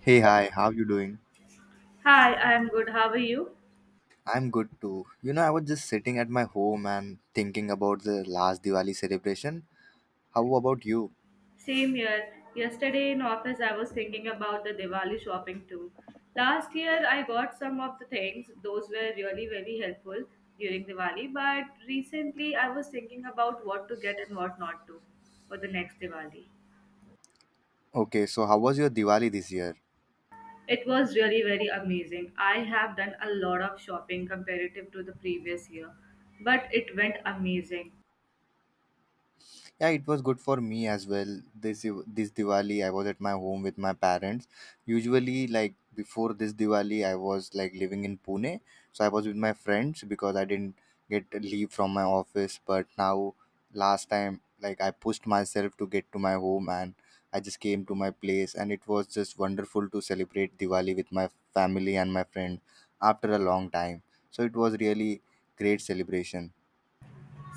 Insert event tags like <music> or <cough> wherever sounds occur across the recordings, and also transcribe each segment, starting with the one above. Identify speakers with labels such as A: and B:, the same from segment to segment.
A: Hey, hi, how you doing?
B: Hi, I'm good. How are you?
A: I'm good too. You know, I was just sitting at my home and thinking about the last Diwali celebration. How about you?
B: Same here. Yesterday in office, I was thinking about the Diwali shopping too. Last year, I got some of the things. Those were really very helpful during Diwali. But recently, I was thinking about what to get and what not to for the next Diwali.
A: Okay, so how was your Diwali this year?
B: It was really very amazing. I have done a lot of shopping comparative to the previous year, but it went amazing.
A: Yeah, it was good for me as well. This this Diwali, I was at my home with my parents. Usually, like before this Diwali, I was like living in Pune, so I was with my friends because I didn't get leave from my office. But now, last time, like I pushed myself to get to my home, and I just came to my place, and it was just wonderful to celebrate Diwali with my family and my friend after a long time. So it was really great celebration.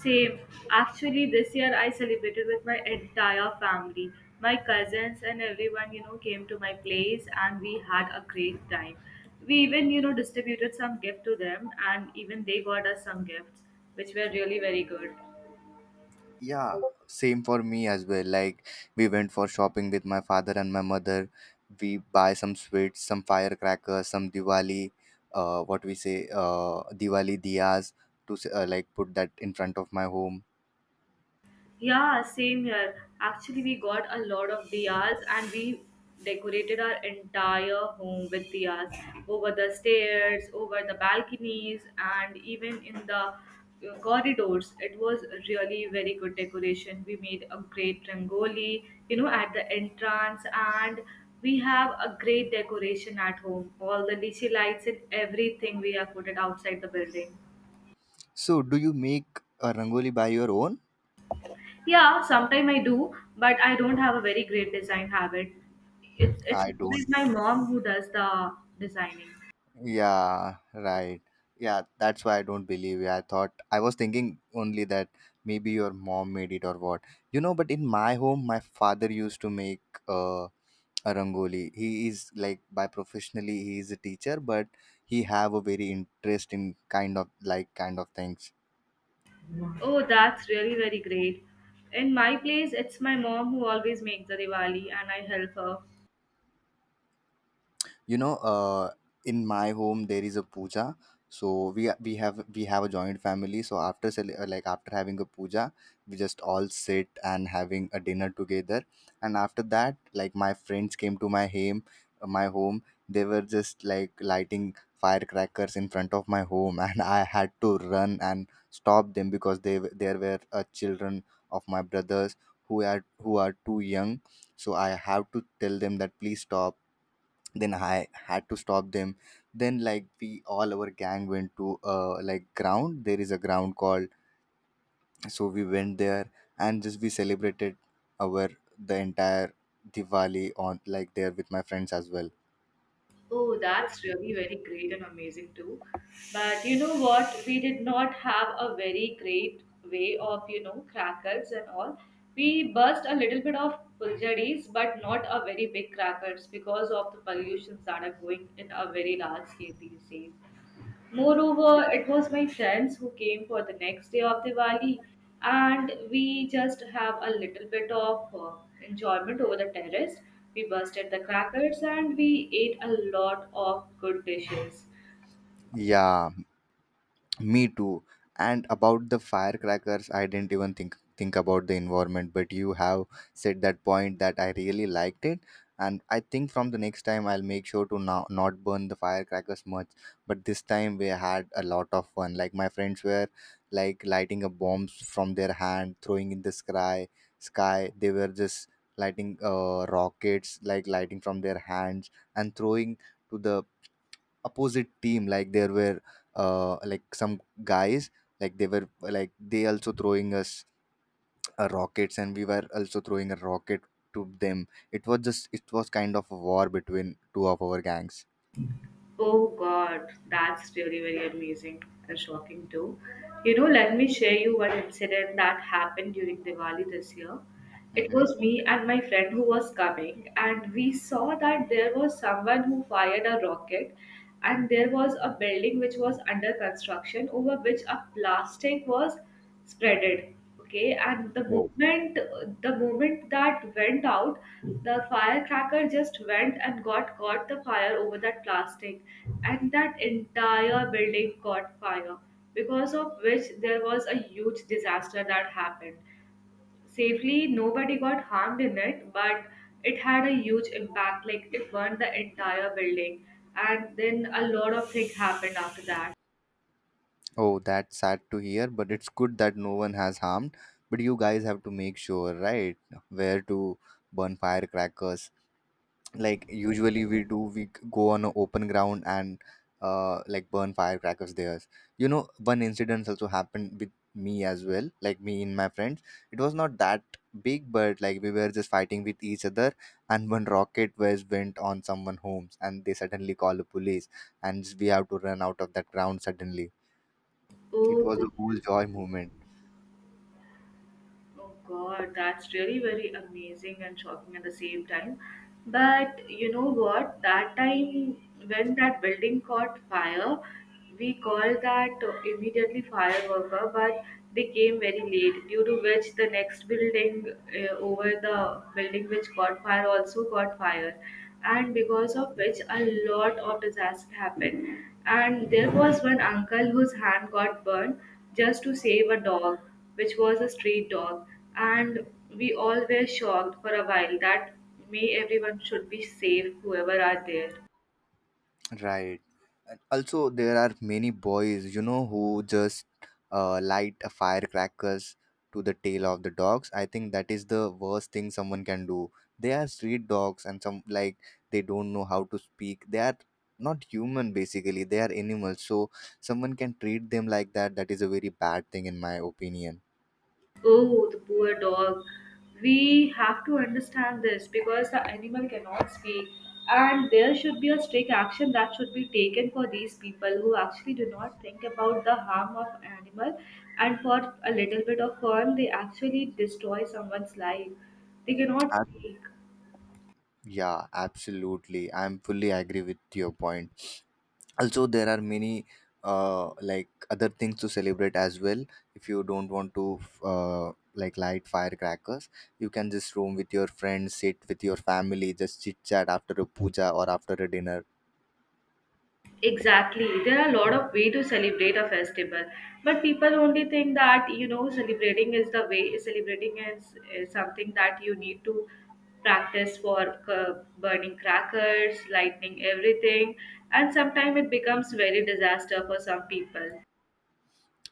B: Same. Actually, this year I celebrated with my entire family. My cousins and everyone, you know, came to my place and we had a great time. We even, you know, distributed some gift to them and even they got us some gifts, which were really very good.
A: Yeah, same for me as well. Like we went for shopping with my father and my mother. We buy some sweets, some firecrackers, some Diwali, what we say, Diwali diyas to like put that in front of my home.
B: Yeah, same here. Actually, we got a lot of diyas and we decorated our entire home with diyas over the stairs, over the balconies, and even in the corridors. It was really very good decoration. We made a great rangoli, you know, at the entrance, and we have a great decoration at home. All the DC lights and everything we have put it outside the building.
A: So, do you make a rangoli by your own?
B: Yeah, sometime I do, but I don't have a very great design habit. It's
A: I
B: always
A: don't.
B: my mom who does the designing.
A: Yeah, right. Yeah, that's why I don't believe you. I thought I was thinking only that maybe your mom made it or what. You know, but in my home, my father used to make uh Rangoli. He is like by professionally he is a teacher, but he have a very interest in kind of like kind of things.
B: Oh, that's really very great. In my place, it's my mom who always makes the Diwali, and I help her.
A: You know, in my home there is a puja, so we have a joint family, so like after having a puja, we just all sit and having a dinner together. And after that, like my friends came to my home, uh, my home they were just like lighting firecrackers in front of my home <laughs> and I had to run and stop them because there were children of my brothers who are too young, so I have to tell them that please stop. Then I had to stop them. Then like we all our gang went to like ground. There is a ground called, so we went there, and just we celebrated our the entire Diwali on like there with my friends as well.
B: Oh, that's really very great and amazing too. But you know what? We did not have a very great way of, you know, crackers and all. We burst a little bit of puljaris, but not a very big crackers because of the pollutions that are going in a very large scale these days. Moreover, it was my friends who came for the next day of Diwali, and we just have a little bit of enjoyment over the terrace. We busted the crackers and we ate a lot of good dishes.
A: Yeah. Me too. And about the firecrackers, I didn't even think about the environment, but you have said that point that I really liked it. And I think from the next time I'll make sure to now not burn the firecrackers much. But this time we had a lot of fun. Like my friends were like lighting up bombs from their hand, throwing in the sky. They were just lighting rockets, like lighting from their hands and throwing to the opposite team, like there were like some guys, like they were, like they also throwing us rockets, and we were also throwing a rocket to them. It was kind of a war between two of our gangs.
B: Oh God, that's really very amazing and shocking too. You know, let me share you one incident that happened during Diwali this year. It
A: Hmm.
B: was me and my friend who was coming, and we saw that there was someone who fired a rocket, and there was a building which was under construction over which a plastic was spreaded, okay. And the
A: Oh,
B: moment the moment that went out, the firecracker just went and got caught the fire over that plastic, and that entire building caught fire, because of which there was a huge disaster that happened. Safely nobody got harmed in it, but it had a huge impact. Like it burned the entire building, and then a lot of things happened after that.
A: oh that's sad to hear, but it's good that no one has harmed. But you guys have to make sure right where to burn firecrackers. Like usually we do we g- go on an open ground and like burn firecrackers there. You know, one incident also happened with me as well, like me and my friends. It was not that big, but like we were just fighting with each other, and one rocket was went on someone homes, and they suddenly call the police, and we have to run out of that ground suddenly. It
B: Oh.
A: was a whole joy moment.
B: Oh God, that's really very amazing and shocking at the same time. But you know what? That time when that building caught fire, we called that immediately fire worker, but they came very late. Due to which the next building, over the building which caught fire also caught fire, and because of which a lot of disaster happened. And there was one uncle whose hand got burned just to save a dog which was a street dog, and we all were shocked for a while that may everyone should be safe, whoever are there.
A: Right. And also, there are many boys, who just light a firecrackers to the tail of the dogs. I think that is the worst thing someone can do. They are street dogs, and some like they don't know how to speak. They are not human basically. They are animals. So someone can treat them like that. That is a very bad thing, in my opinion.
B: Oh, the poor dog. We have to understand this because the animal cannot speak, and there should be a strict action that should be taken for these people who actually do not think about the harm of animal, and for a little bit of fun, they actually destroy someone's life. They cannot
A: Ab-
B: speak.
A: yeah, absolutely. I'm fully agree with your point. Also, there are many like other things to celebrate as well. If you don't want to like light firecrackers, you can just roam with your friends, sit with your family, just chit chat after a puja or after a dinner.
B: Exactly. There are a lot of way to celebrate a festival, but people only think that you know celebrating is the way. Celebrating is something that you need to practice for, burning crackers, lighting everything, and sometimes it becomes very disaster for some people.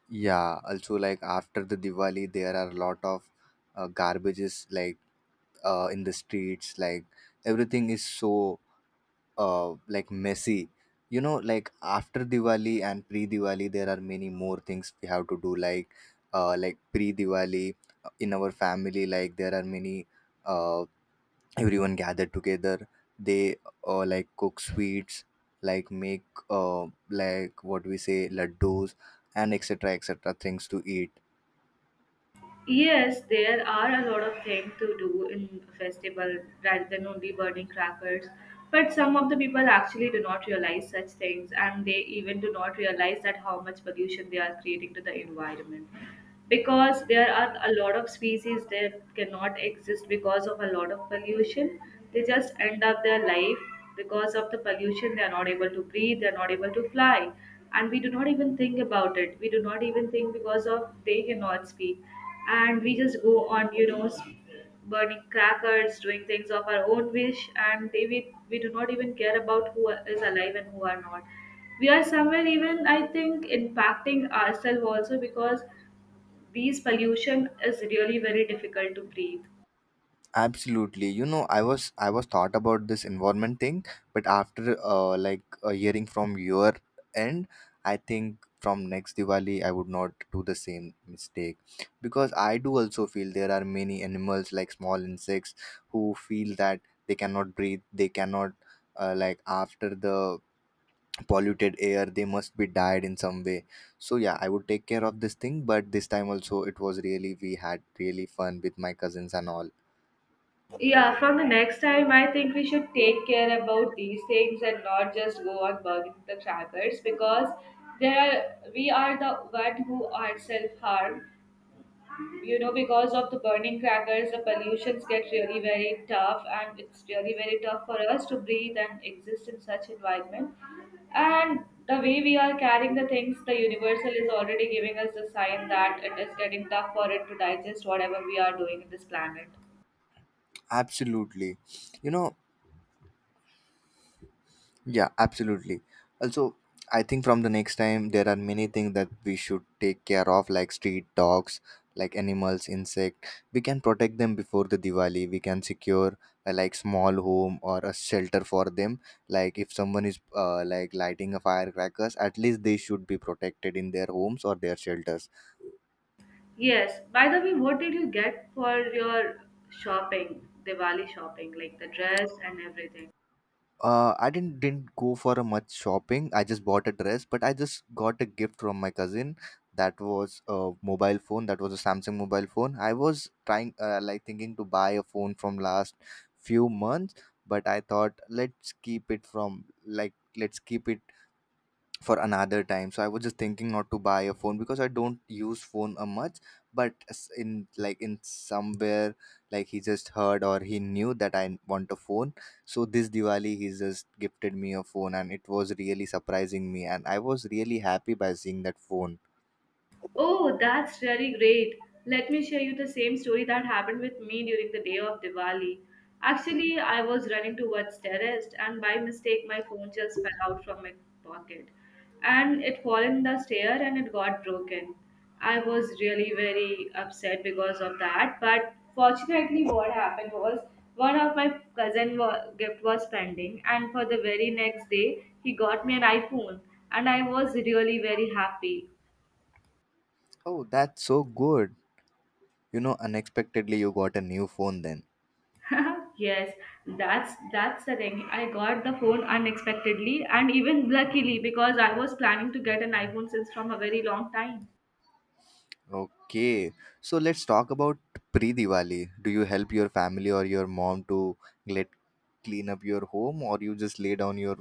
A: Yeah, also like after the Diwali there are a lot of garbages, like in the streets, like everything is so like messy. You know, like after Diwali and pre Diwali there are many more things we have to do, like pre Diwali. In our family, like there are many uh everyone gathered together, they like cook sweets, like make uh like what we say laddus, and etc things to eat.
B: Yes, there are a lot of things to do in a festival rather than only burning crackers. But some of the people actually do not realize such things and they even do not realize that how much pollution they are creating to the environment. Because there are a lot of species that cannot exist because of a lot of pollution. They just end up their life because of the pollution. They are not able to breathe, they are not able to fly. And we do not even think about it. We do not even think because of they cannot speak, and we just go on, you know, burning crackers, doing things of our own wish, and we do not even care about who is alive and who are not. We are somewhere even I think impacting ourselves also, because these pollution is really very difficult to breathe.
A: Absolutely. You know, I was thought about this environment thing, but after like hearing from your end, I think from next Diwali I would not do the same mistake, because I do also feel there are many animals like small insects who feel that they cannot breathe, they cannot like after the polluted air they must be died in some way. So yeah, I would take care of this thing, but this time also it was really we had really fun with my cousins and all.
B: Yeah, from the next time, I think we should take care about these things and not just go on burning the crackers, because there we are the one who ourselves harm, you know, because of the burning crackers the pollutions get really very tough, and it's really very tough for us to breathe and exist in such environment. And the way we are carrying the things, the universal is already giving us the sign that it is getting tough for it to digest whatever we are doing in this planet.
A: Absolutely. You know, yeah, absolutely. Also, I think from the next time, there are many things that we should take care of, like street dogs, like animals, insect. We can protect them before the Diwali. We can secure a, like small home or a shelter for them. Like if someone is like lighting a firecrackers, at least they should be protected in their homes or their shelters.
B: Yes, by the way, what did you get for your shopping, Diwali shopping, like the dress and everything?
A: I didn't go for a much shopping. I just bought a dress, but I just got a gift from my cousin. That was a mobile phone. That was a Samsung mobile phone. I was trying, like thinking to buy a phone from last few months, but I thought let's keep it from like let's keep it for another time. So I was just thinking not to buy a phone because I don't use phone a much. But in like in somewhere, like he just heard or he knew that I want a phone, so this Diwali he just gifted me a phone, and it was really surprising me, and I was really happy by seeing that phone.
B: Oh, that's really great. Let me share you the same story that happened with me during the day of Diwali.
A: Mm.
B: Actually, I was running towards terrace and by mistake my phone just fell out from my pocket. And it fell in the stair and it got broken. I was really very upset because of that, but fortunately what happened was one of my cousin gift was pending, and for the very next day he got me an iPhone and I was really very happy.
A: Oh, that's so good. You know, unexpectedly you got a new phone then.
B: <laughs> Yes, that's the thing. I got the phone unexpectedly and even luckily, because I was planning to get an iPhone since from a very long time.
A: Okay, so let's talk about pre-Diwali. Do you help your family or your mom to let clean up your home, or you just lay down your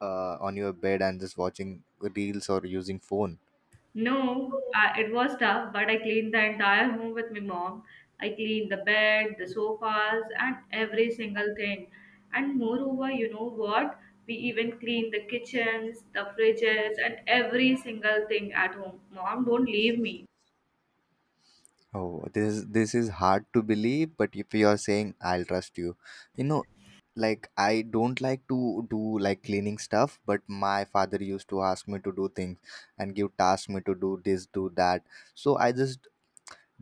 A: on your bed and just watching reels or using phone?
B: No, it was tough, but I cleaned the entire home with my mom. I cleaned the bed, the sofas, and every single thing. And moreover, you know what? We even cleaned the kitchens, the fridges, and every single thing at home. Mom, don't leave me.
A: Oh, this is hard to believe, but if you are saying I'll trust you, like I don't like to do like cleaning stuff, but my father used to ask me to do things and give tasks me to do this, do that. So I just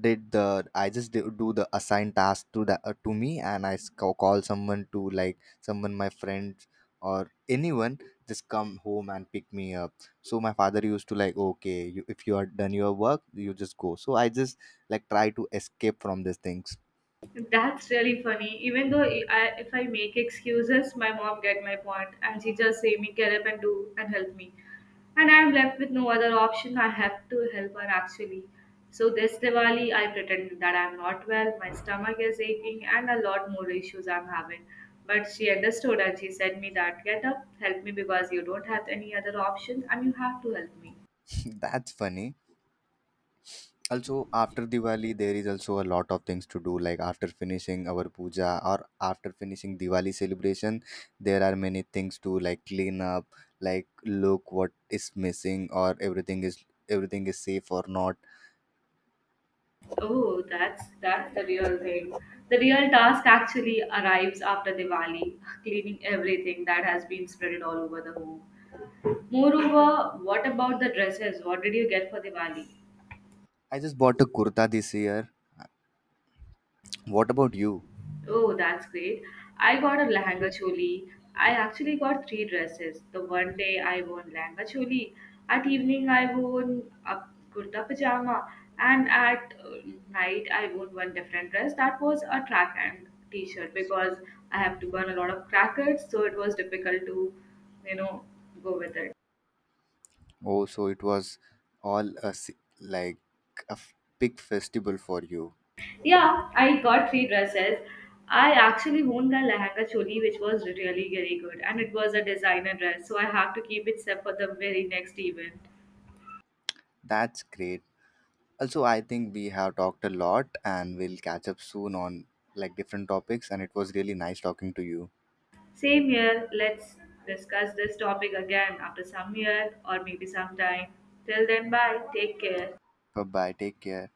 A: did the I just did, do the assigned task to me, and I call someone to, like someone my friends or anyone, just come home and pick me up. So my father used to like okay you, if you are done your work you just go. So I just like try to escape from these things.
B: That's really funny. Even though I, if I make excuses, my mom get my point, and she just say me get up and do and help me, and I'm left with no other option. I have to help her actually. So this Diwali, I pretended that I'm not well, my stomach is aching, and a lot more issues I'm having. But she understood and she said me that get up, help me because you don't have any other option, and you have to help me.
A: <laughs> That's funny. Also, after Diwali there is also a lot of things to do, like after finishing our puja or after finishing Diwali celebration there are many things to like clean up, like look what is missing or everything is safe or not.
B: Oh, that's the real thing. The real task actually arrives after Diwali, cleaning everything that has been spread all over the home. Moreover, what about the dresses? What did you get for Diwali?
A: I just bought a kurta this year. What about you?
B: Oh, that's great. I got a lehenga choli. I actually got three dresses. The one day I wore lehenga choli. At evening I wore a kurta pajama. And at night I wore one different dress. That was a track and t-shirt because I have to burn a lot of crackers, so it was difficult to, you know, go with it.
A: Oh, so it was all like a big festival for you.
B: Yeah, I got three dresses. I actually owned a lehenga choli which was really very good and it was a designer dress, so I have to keep it set for the very next event.
A: That's great. Also, I think we have talked a lot and we'll catch up soon on like different topics and it was really nice talking to you.
B: Same year, let's discuss this topic again after some year or maybe sometime. Till then, bye. Take care.
A: Bye bye, take care.